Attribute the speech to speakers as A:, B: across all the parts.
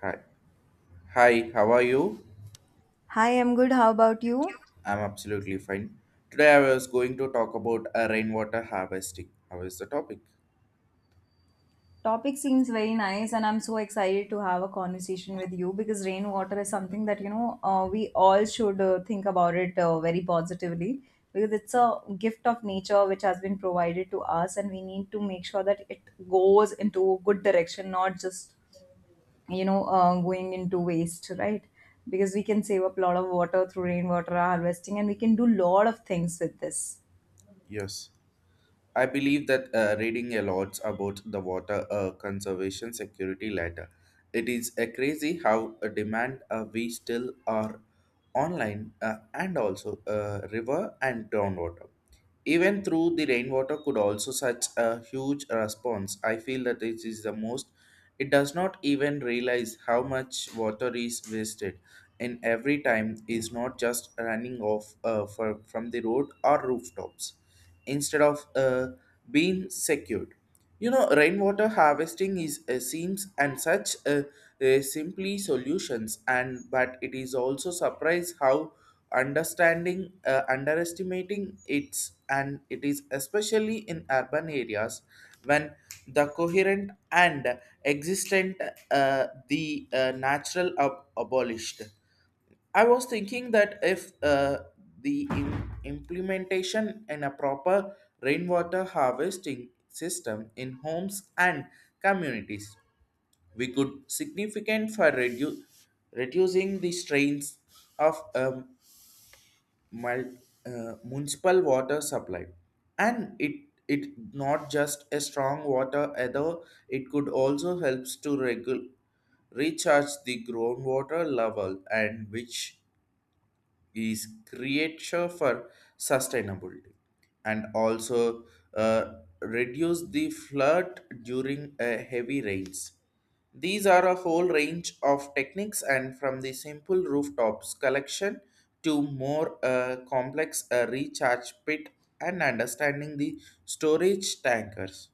A: Hi. Hi, how are you?
B: Hi, I'm good. How about you?
A: I'm absolutely fine. Today I was going to talk about rainwater harvesting. How is the topic?
B: Topic seems very nice, and I'm so excited to have a conversation with you because rainwater is something that we all should think about it very positively because it's a gift of nature which has been provided to us, and we need to make sure that it goes into a good direction, not just going into waste, right? Because we can save up a lot of water through rainwater harvesting, and we can do a lot of things with this.
A: Yes. I believe that reading a lot about the water conservation security letter. It is crazy how a demand we still are online and also river and groundwater. Even through the rainwater could also such a huge response. I feel that it is the most. It does not even realize how much water is wasted, and every time is not just running off from the road or rooftops, instead of being secured. You know, rainwater harvesting is seems and such simply solutions, and but it is also surprise how understanding underestimating its and it is especially in urban areas when the coherent and existent the natural abolished. I was thinking that if the implementation in a proper rainwater harvesting system in homes and communities we could significant for reducing the strains of mul- municipal water supply and it not just a strong water either. It could also helps to recharge the groundwater level and which is creature for sustainability and also uh, reduce the flood during heavy rains. These are a whole range of techniques, and from the simple rooftops collection to more complex recharge pit and understanding the storage tankers.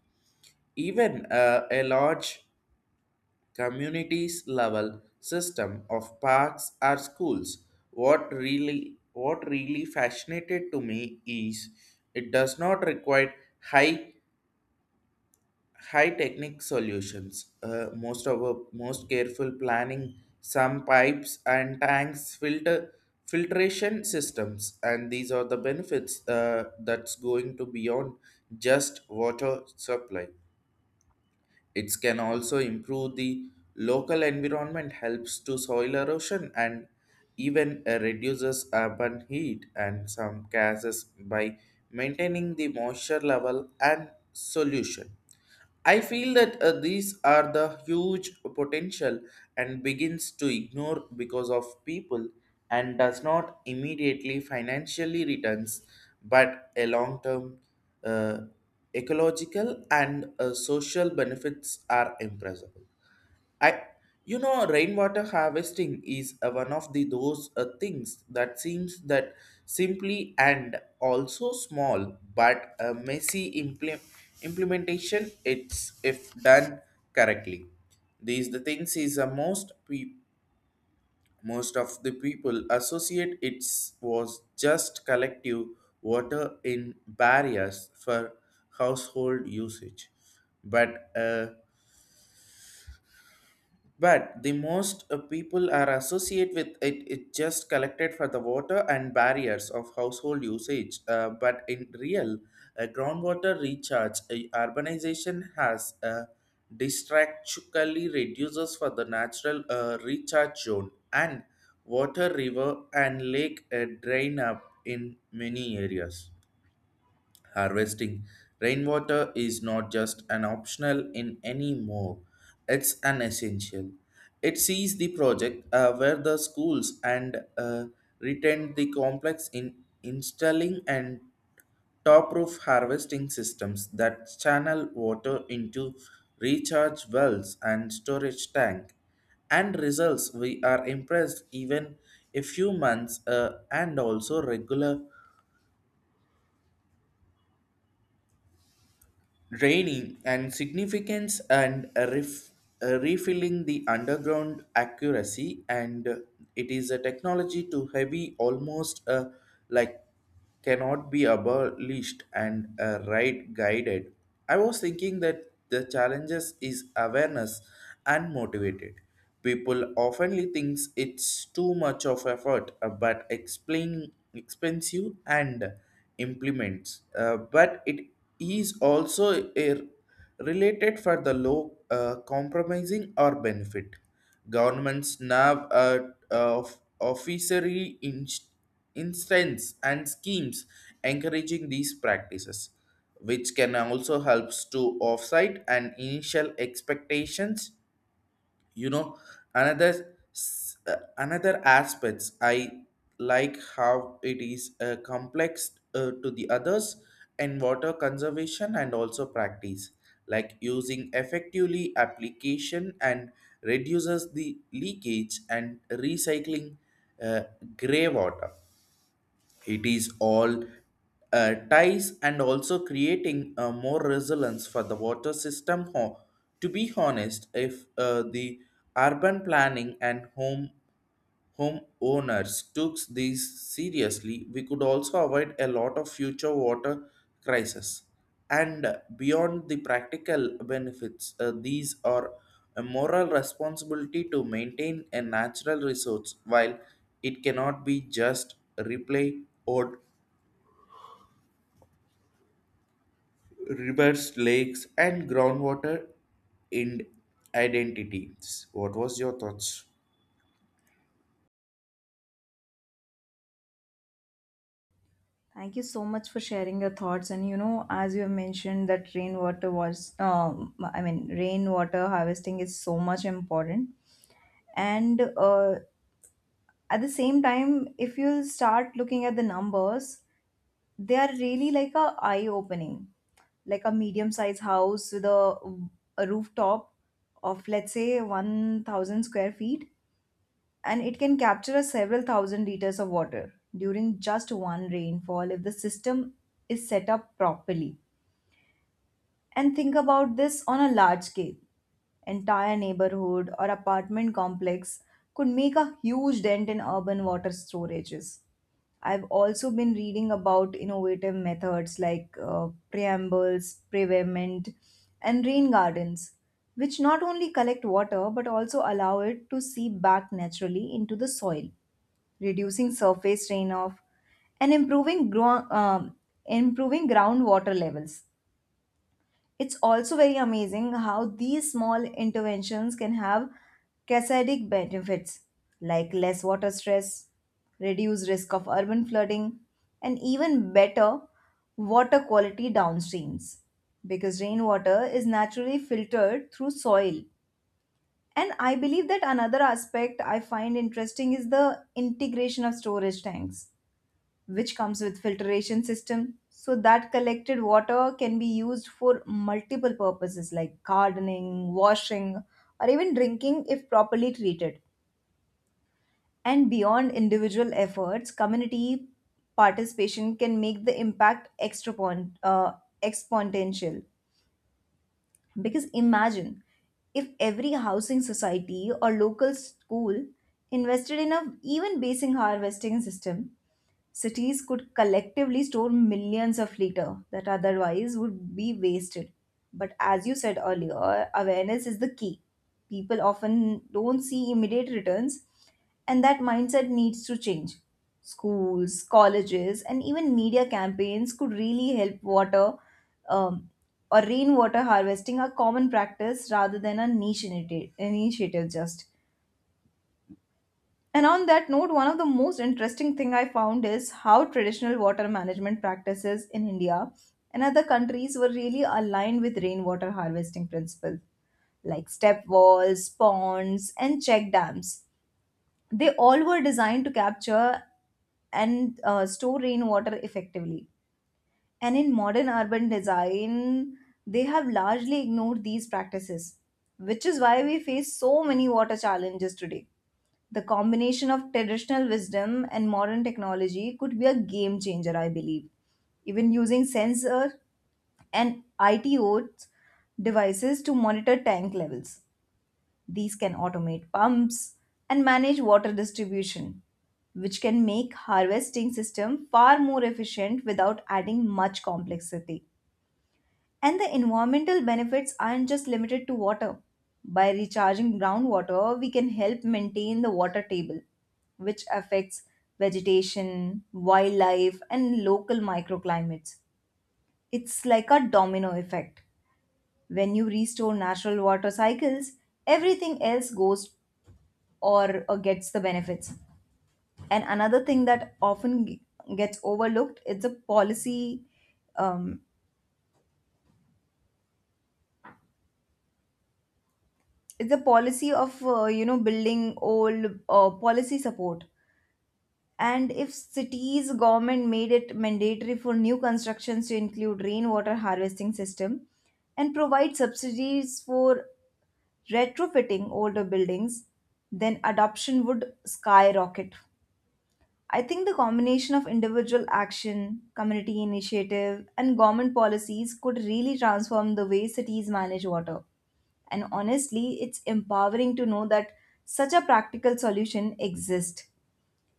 A: Even a large communities level system of parks or schools. What really fascinated to me is it does not require high high technic solutions. Most of our most careful planning, some pipes and tanks filter filtration systems and these are the benefits that's going to beyond just water supply. It can also improve the local environment, helps to soil erosion, and even reduces urban heat and some gases by maintaining the moisture level and solution. I feel that these are the huge potential and begins to ignore because of people and does not immediately financially returns but a long term uh, ecological and social benefits are impressive. I, you know, rainwater harvesting is one of the those things that seems that simply and also small, but a messy implementation. It's if done correctly. These the things is most of the people associate it was just collective water in barriers for household usage, but. Uh, but the most people are associate with it just collected for the water and barriers of household usage but in real groundwater recharge urbanization has distractually reduces for the natural recharge zone and water river and lake drain up in many areas. Harvesting rainwater is not just an optional in anymore, it's an essential. It sees the project where the schools and retained the complex in installing and top roof harvesting systems that channel water into recharge wells and storage tank and results we are impressed even a few months and also regular draining and significance and refilling the underground accuracy and it is a technology too heavy almost like cannot be abolished and right guided. I was thinking that the challenges is awareness and motivated. People often think it's too much of effort, but explain expensive and implements. But it is also a related for the low compromising or benefit. Governments now of officery instance and schemes encouraging these practices, which can also helps to offset and initial expectations. You know, another aspects I like how it is complex to the others in water conservation and also practice like using effectively application and reduces the leakage and recycling uh, gray water. It is all ties and also creating more resilience for the water system. To be honest, if the urban planning and homeowners took these seriously, we could also avoid a lot of future water crises. And beyond the practical benefits, these are a moral responsibility to maintain a natural resource while it cannot be just replay or rivers, lakes, and groundwater in identities. What was your thoughts?
B: Thank you so much for sharing your thoughts. And you know, as you have mentioned, that rainwater was, I mean, rainwater harvesting is so much important. And At the same time, if you start looking at the numbers, they are really like a eye opening, like a medium sized house with a rooftop of let's say 1,000 square feet and it can capture a several thousand liters of water during just one rainfall if the system is set up properly. And think about this on a large scale. Entire neighborhood or apartment complex could make a huge dent in urban water storages. I've also been reading about innovative methods like preambles, prevement, and rain gardens, which not only collect water but also allow it to seep back naturally into the soil reducing surface runoff, and improving groundwater levels. It's also very amazing how these small interventions can have cascading benefits like less water stress, reduced risk of urban flooding, and even better water quality downstreams because rainwater is naturally filtered through soil. And I believe that another aspect I find interesting is the integration of storage tanks which comes with filtration system so that collected water can be used for multiple purposes like gardening washing or even drinking if properly treated. And beyond individual efforts, community participation can make the impact exponential, because imagine if every housing society or local school invested in a even basic harvesting system. Cities could collectively store millions of liters that otherwise would be wasted. But as you said earlier, awareness is the key. People often don't see immediate returns, and that mindset needs to change. Schools, colleges, and even media campaigns could really help water um, or rainwater harvesting a common practice rather than a niche initiative just. And on that note, one of the most interesting thing I found is how traditional water management practices in India and other countries were really aligned with rainwater harvesting principles like step walls, ponds, and check dams. They all were designed to capture and store rainwater effectively. And in modern urban design, they have largely ignored these practices, which is why we face so many water challenges today. The combination of traditional wisdom and modern technology could be a game changer, I believe. Even using sensor and ITO devices to monitor tank levels. These can automate pumps and manage water distribution, which can make harvesting system far more efficient without adding much complexity. And the environmental benefits aren't just limited to water. By recharging groundwater, we can help maintain the water table, which affects vegetation, wildlife, and local microclimates. It's like a domino effect. When you restore natural water cycles, everything else goes or gets the benefits. And another thing that often gets overlooked, it's a um, policy of building old policy support. And if cities government made it mandatory for new constructions to include rainwater harvesting system and provide subsidies for retrofitting older buildings, then adoption would skyrocket. I think the combination of individual action, community initiative, and government policies could really transform the way cities manage water. And honestly, it's empowering to know that such a practical solution exists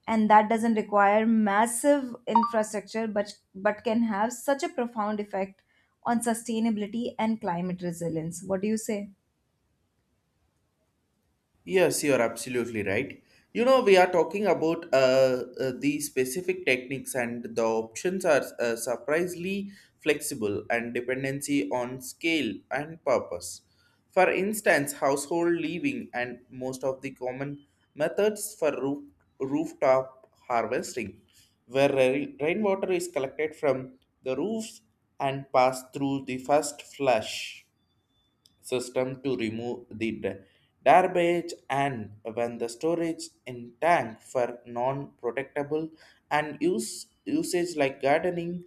B: and that doesn't require massive infrastructure but can have such a profound effect on sustainability and climate resilience. What do you say?
A: Yes, you're absolutely right. You know, we are talking about the specific techniques, and the options are surprisingly flexible and dependency on scale and purpose. For instance, household living and most of the common methods for rooftop harvesting, where rainwater is collected from the roofs and passed through the first flush system to remove the garbage and when the storage in tank for non-protectable and use usage like gardening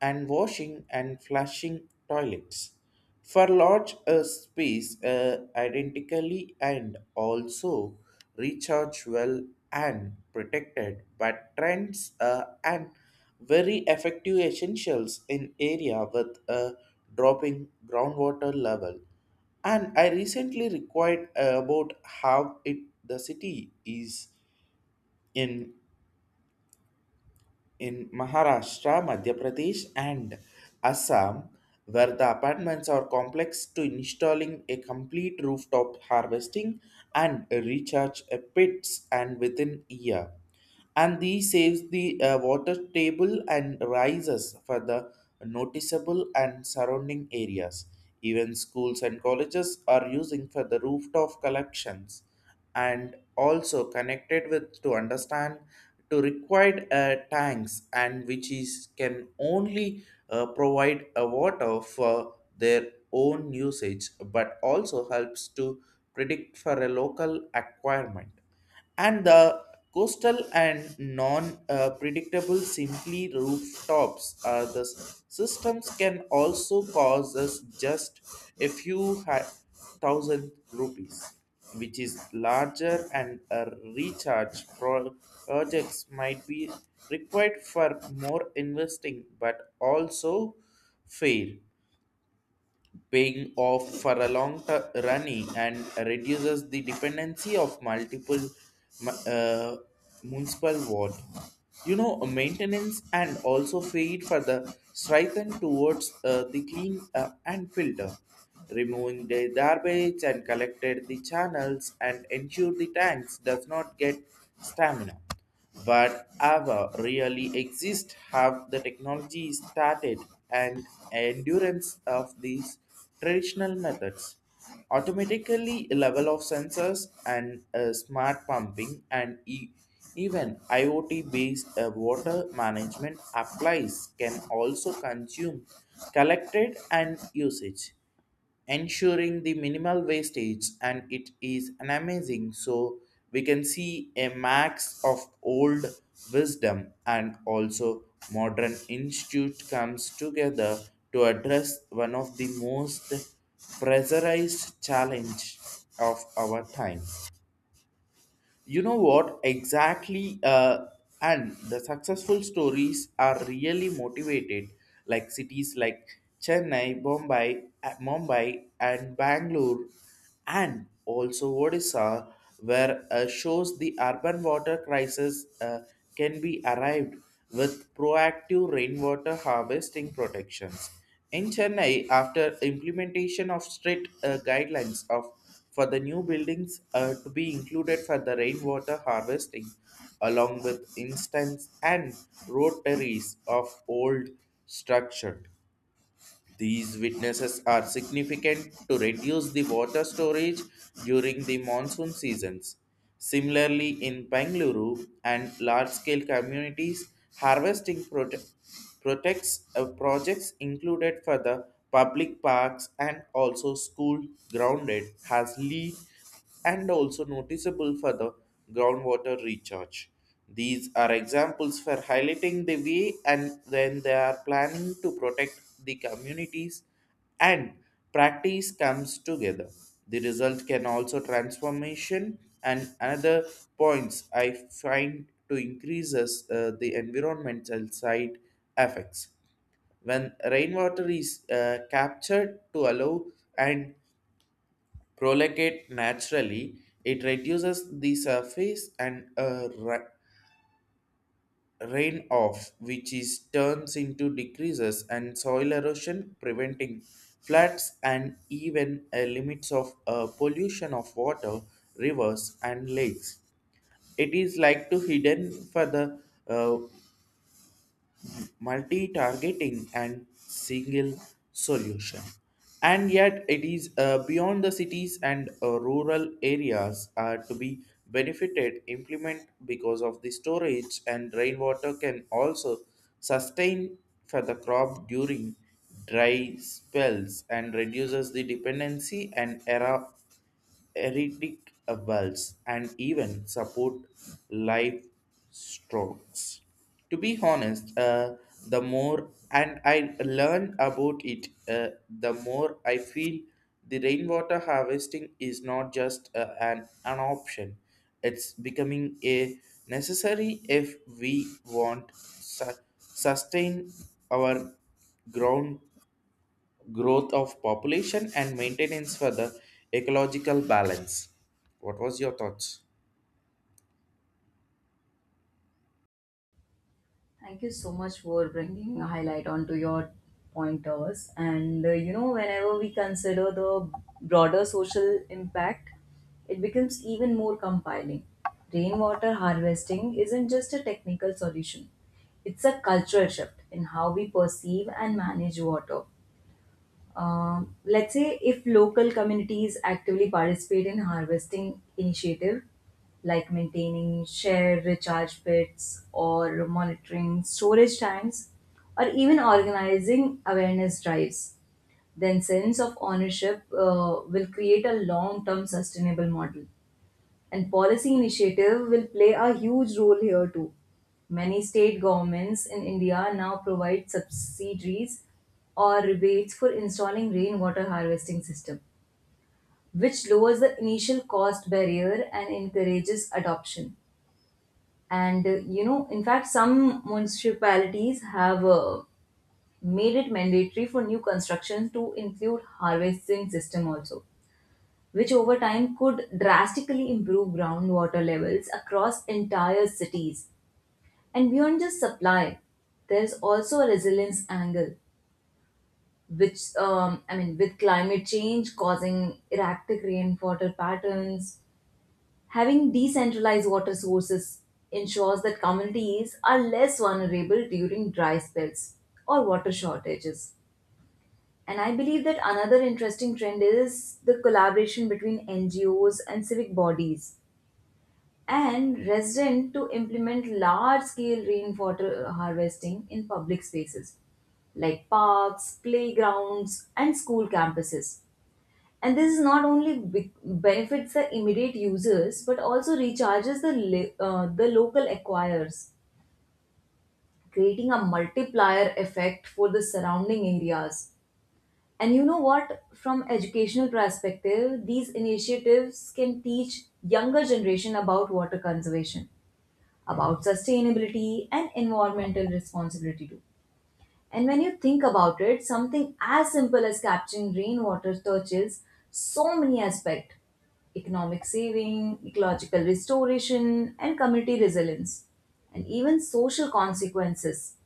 A: and washing and flushing toilets for large space identically and also recharge well and protected but trends and very effective essentials in area with a dropping groundwater level. And I recently required about how it the city is in in Maharashtra, Madhya Pradesh, and Assam, where the apartments are complex to installing a complete rooftop harvesting and recharge pits and within a year. And these saves the water table and rises for the noticeable and surrounding areas. Even schools and colleges are using for the rooftop collections and also connected with to understand to required tanks and which is can only provide a water for their own usage but also helps to predict for a local acquirement and the coastal and non-predictable simply rooftops are the systems can also cause us just a few thousand rupees which is larger and a recharge projects might be required for more investing but also fair paying off for a long running and reduces the dependency of multiple mu- uh, municipal ward. You know, maintenance and also feed for the strengthen towards the clean and filter, removing the garbage and collected the channels and ensure the tanks does not get stamina but ever really exist have the technology started and endurance of these traditional methods automatically level of sensors and smart pumping and even IoT based water management applies can also consume collected and usage ensuring the minimal wastage and it is an amazing. So we can see a max of old wisdom and also modern institute comes together to address one of the most pressurized challenge of our time. You know what exactly and the successful stories are really motivated, like cities like Chennai, Bombay, Mumbai and Bangalore and also Odisha, where shows the urban water crisis can be arrived with proactive rainwater harvesting protections. In Chennai, after implementation of strict guidelines of for the new buildings to be included for the rainwater harvesting, along with instance and rotaries of old structure, these witnesses are significant to reduce the water storage during the monsoon seasons. Similarly, in Bengaluru and large-scale communities, harvesting protects projects included for the public parks and also school grounded has lead and also noticeable for the groundwater recharge. These are examples for highlighting the way and when they are planning to protect the communities and practice comes together. The result can also transformation. And another points I find to increases the environmental side effects. When rainwater is captured to allow and prolongate naturally, it reduces the surface and rain off, which is turns into decreases and soil erosion, preventing floods and even limits of pollution of water, rivers and lakes. It is like to hidden for the uh, multi-targeting and single solution. And yet it is beyond the cities and rural areas are to be benefited implement because of the storage and rainwater can also sustain for the crop during dry spells and reduces the dependency and era ridiculous and even support live strokes. To be honest, the more and I learn about it, the more I feel the rainwater harvesting is not just an option. It's becoming a necessary if we want sustain our ground growth of population and maintenance for the ecological balance. What was your thoughts?
B: Thank you so much for bringing a highlight onto your pointers. And You know, whenever we consider the broader social impact, it becomes even more compelling. Rainwater harvesting isn't just a technical solution, it's a cultural shift in how we perceive and manage water. Let's say if local communities actively participate in harvesting initiative like maintaining shared recharge pits or monitoring storage tanks or even organizing awareness drives, then sense of ownership will create a long-term sustainable model, and policy initiative will play a huge role here too. Many state governments in India now provide subsidies or rebates for installing rainwater harvesting system, which lowers the initial cost barrier and encourages adoption. And You know, in fact, some municipalities have made it mandatory for new construction to include harvesting system also, which over time could drastically improve groundwater levels across entire cities. And beyond just supply, there's also a resilience angle, with climate change causing erratic rainwater patterns, having decentralized water sources ensures that communities are less vulnerable during dry spells or water shortages. And I believe that another interesting trend is the collaboration between NGOs and civic bodies and resident to implement large scale rainwater harvesting in public spaces like parks, playgrounds, and school campuses. And this is not only benefits the immediate users but also recharges the local acquirers, creating a multiplier effect for the surrounding areas. And you know what? From educational perspective, these initiatives can teach younger generation about water conservation, about sustainability and environmental responsibility too. And when you think about it, something as simple as capturing rainwater touches so many aspects: economic saving, ecological restoration, and community resilience, and even social consequences.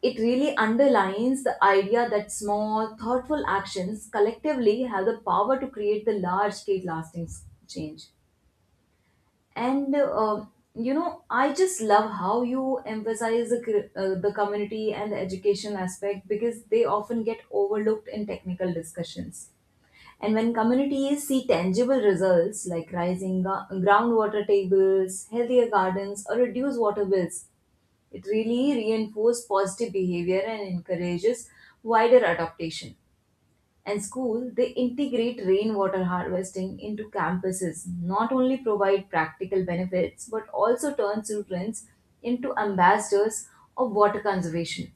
B: It really underlines the idea that small, thoughtful actions collectively have the power to create the large scale lasting change. And You know, I just love how you emphasize the community and the education aspect because they often get overlooked in technical discussions. And when communities see tangible results like rising groundwater tables, healthier gardens, or reduced water bills, it really reinforces positive behavior and encourages wider adaptation. And school they integrate rainwater harvesting into campuses not only provide practical benefits but also turn students into ambassadors of water conservation,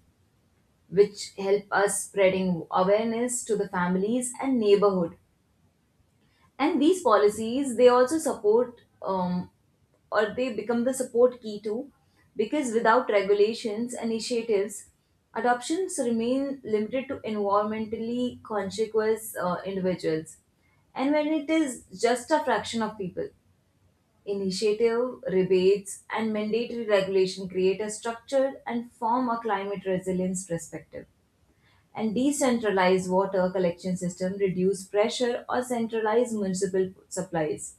B: which help us spreading awareness to the families and neighborhood. And these policies, they also support or they become the support key too, because without regulations initiatives, adoptions remain limited to environmentally conscious individuals. And when it is just a fraction of people, initiative rebates and mandatory regulation create a structured and form a climate resilience perspective. And decentralized water collection system reduce pressure or centralize municipal supplies,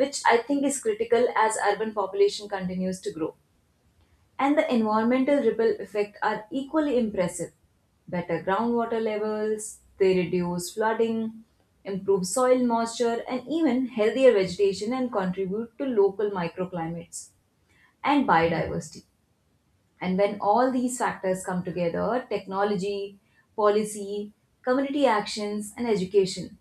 B: which I think is critical as urban population continues to grow. And the environmental ripple effect are equally impressive: better groundwater levels, they reduce flooding, improve soil moisture and even healthier vegetation and contribute to local microclimates and biodiversity. And when all these factors come together, technology, policy, community actions, and education,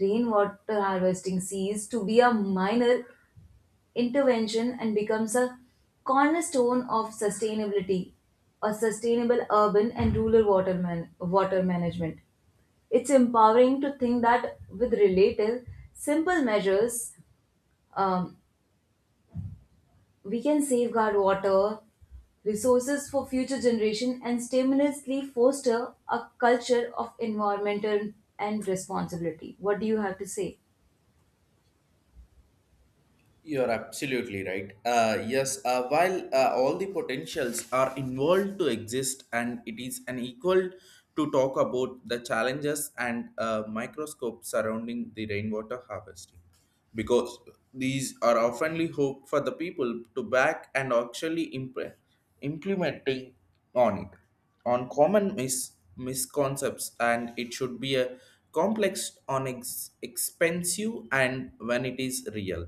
B: rainwater harvesting ceases to be a minor intervention and becomes a cornerstone of sustainability, a sustainable urban and rural water management. It's empowering to think that with relative simple measures, um, we can safeguard water resources for future generation and stimulously foster a culture of environmental and responsibility. What do you have to say?
A: You're absolutely right. Yes, while all the potentials are involved to exist, and it is unequal to talk about the challenges and microscope surrounding the rainwater harvesting, because these are oftenly hope for the people to back and actually implementing on it. On common misconceptions and it should be a complex on expensive and when it is real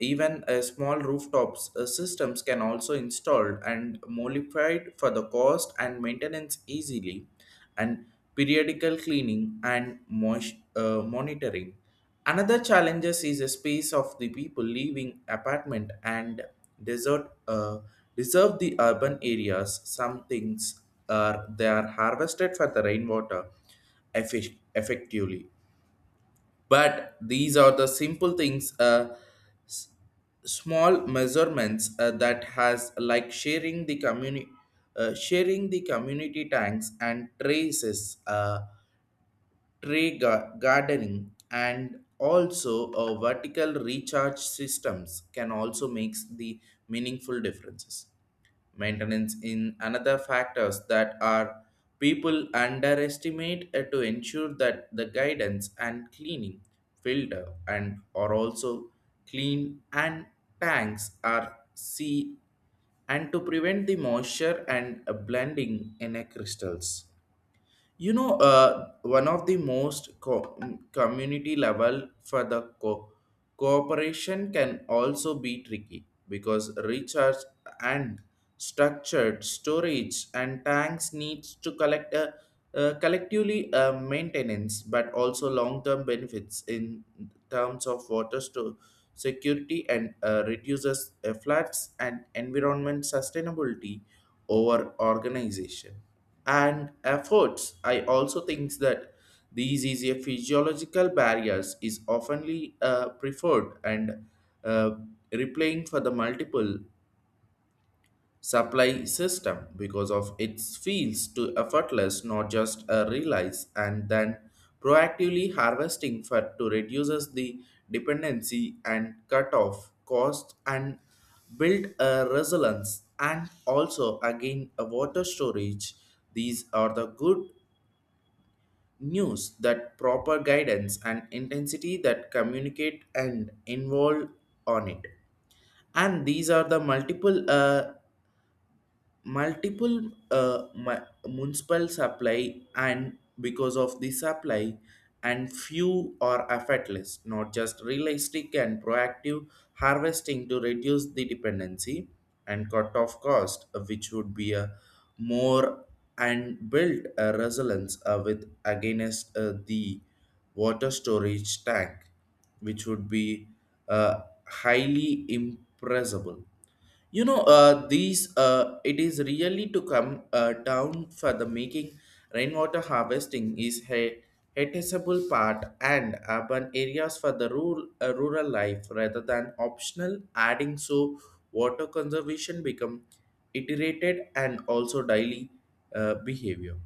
A: even a small rooftops systems can also installed and modified for the cost and maintenance easily and periodical cleaning and monitoring. Another challenges is the space of the people leaving apartment and desert deserve the urban areas. Some things are they are harvested for the rainwater effectively. But these are the simple things, s- small measurements that has like sharing the community tanks and traces. Tree gardening and also a vertical recharge systems can also makes the meaningful differences maintenance in another factors that are people underestimate to ensure that the guidance and cleaning filter and are also clean and tanks are see and to prevent the moisture and blending in a crystals one of the community level for the cooperation can also be tricky because research and structured storage and tanks needs to collect collectively maintenance but also long-term benefits in terms of water store security and reduces floods and environment sustainability over organization and efforts. I also think that these easier physiological barriers is oftenly preferred and uh, replying for the multiple supply system because of its feels to effortless not just a realize and then proactively harvesting for to reduces the dependency and cut off cost and build a resilience and also again a water storage. These are the good news that proper guidance and intensity that communicate and involve on it, and these are the municipal supply and because of the supply and few are effortless not just realistic and proactive harvesting to reduce the dependency and cut off cost, which would be a more, and build a resilience with against the water storage tank, which would be uh, highly impressible. You know uh, these uh, it is really to come down for the making rainwater harvesting is a noticeable part and urban areas for the rural life rather than optional adding, so water conservation become iterated and also daily behavior.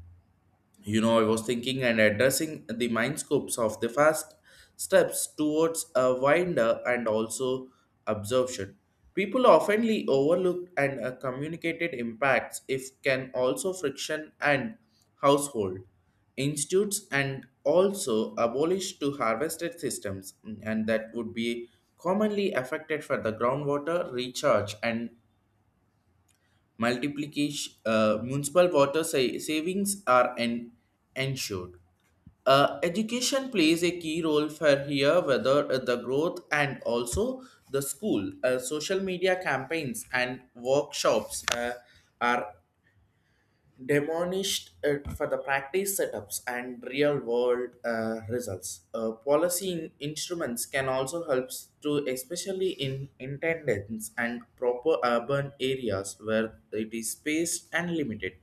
A: You know, I was thinking and addressing the mind scopes of the fast steps towards a winder and also absorption. People oftenly overlook and communicated impacts if can also friction and household institutes and also abolished to harvested systems, and that would be commonly affected for the groundwater recharge and multiplication. Municipal water savings are ensured. Education plays a key role for here, whether the growth and also the school. Social media campaigns and workshops are demonished it for the practice setups and real world results. Policy instruments can also help to, especially in intendants and proper urban areas where it is spaced and limited.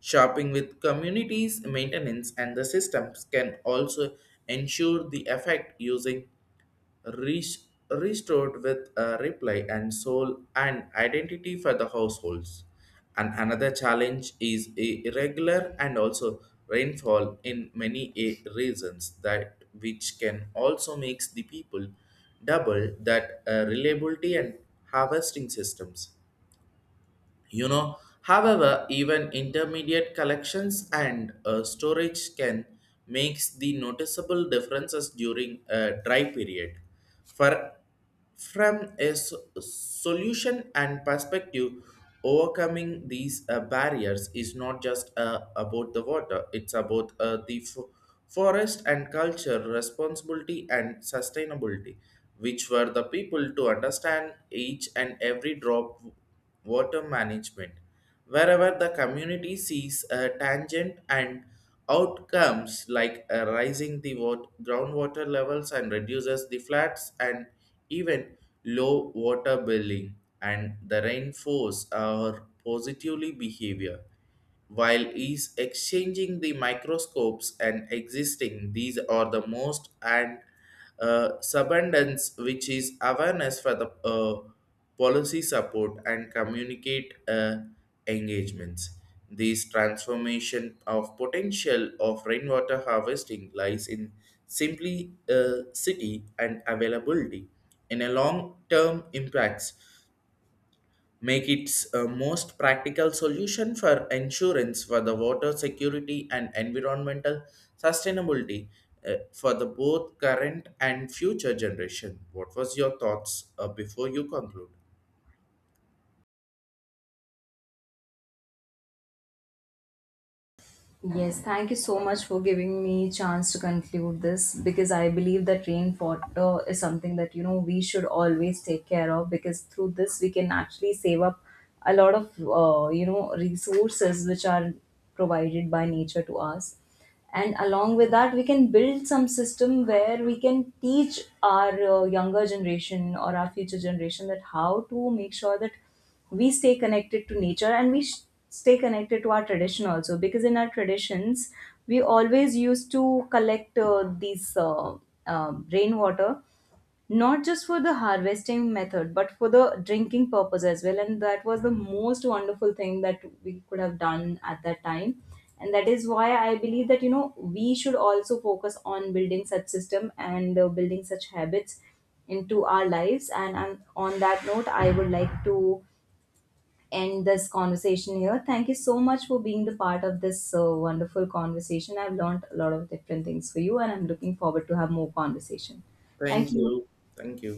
A: Shopping with communities, maintenance, and the systems can also ensure the effect using re- restored with a reply and soul and identity for the households. And another challenge is irregular and also rainfall in many regions that which can also makes the people double that reliability and harvesting systems. You know, however, even intermediate collections and storage can makes the noticeable differences during a dry period for, from a solution and perspective, overcoming these barriers is not just about the water, it's about forest and culture responsibility and sustainability, which were the people to understand each and every drop water management, wherever the community sees a tangent and outcomes like rising the groundwater levels and reduces the floods and even low water billing and the rainfalls are positively behavior. While is exchanging the microscopes and existing, these are the most and subundance, which is awareness for the policy support and communicate engagements. This transformation of potential of rainwater harvesting lies in simply city and availability in a long-term impacts make its a most practical solution for insurance for the water security and environmental sustainability for the both current and future generation. What was your thoughts before you conclude?
B: Yes, thank you so much for giving me chance to conclude this because I believe that rainwater is something that you know we should always take care of, because through this we can actually save up a lot of resources which are provided by nature to us. And along with that, we can build some system where we can teach our younger generation or our future generation that how to make sure that we stay connected to nature and stay connected to our tradition also, because in our traditions we always used to collect these rainwater, not just for the harvesting method but for the drinking purpose as well. And that was the most wonderful thing that we could have done at that time. And that is why I believe that you know we should also focus on building such system and building such habits into our lives. And on that note, I would like to end this conversation here. Thank you so much for being the part of this wonderful conversation. I've learned a lot of different things for you, and I'm looking forward to have more conversation. Thank
A: Thank
B: you.
A: you. Thank you.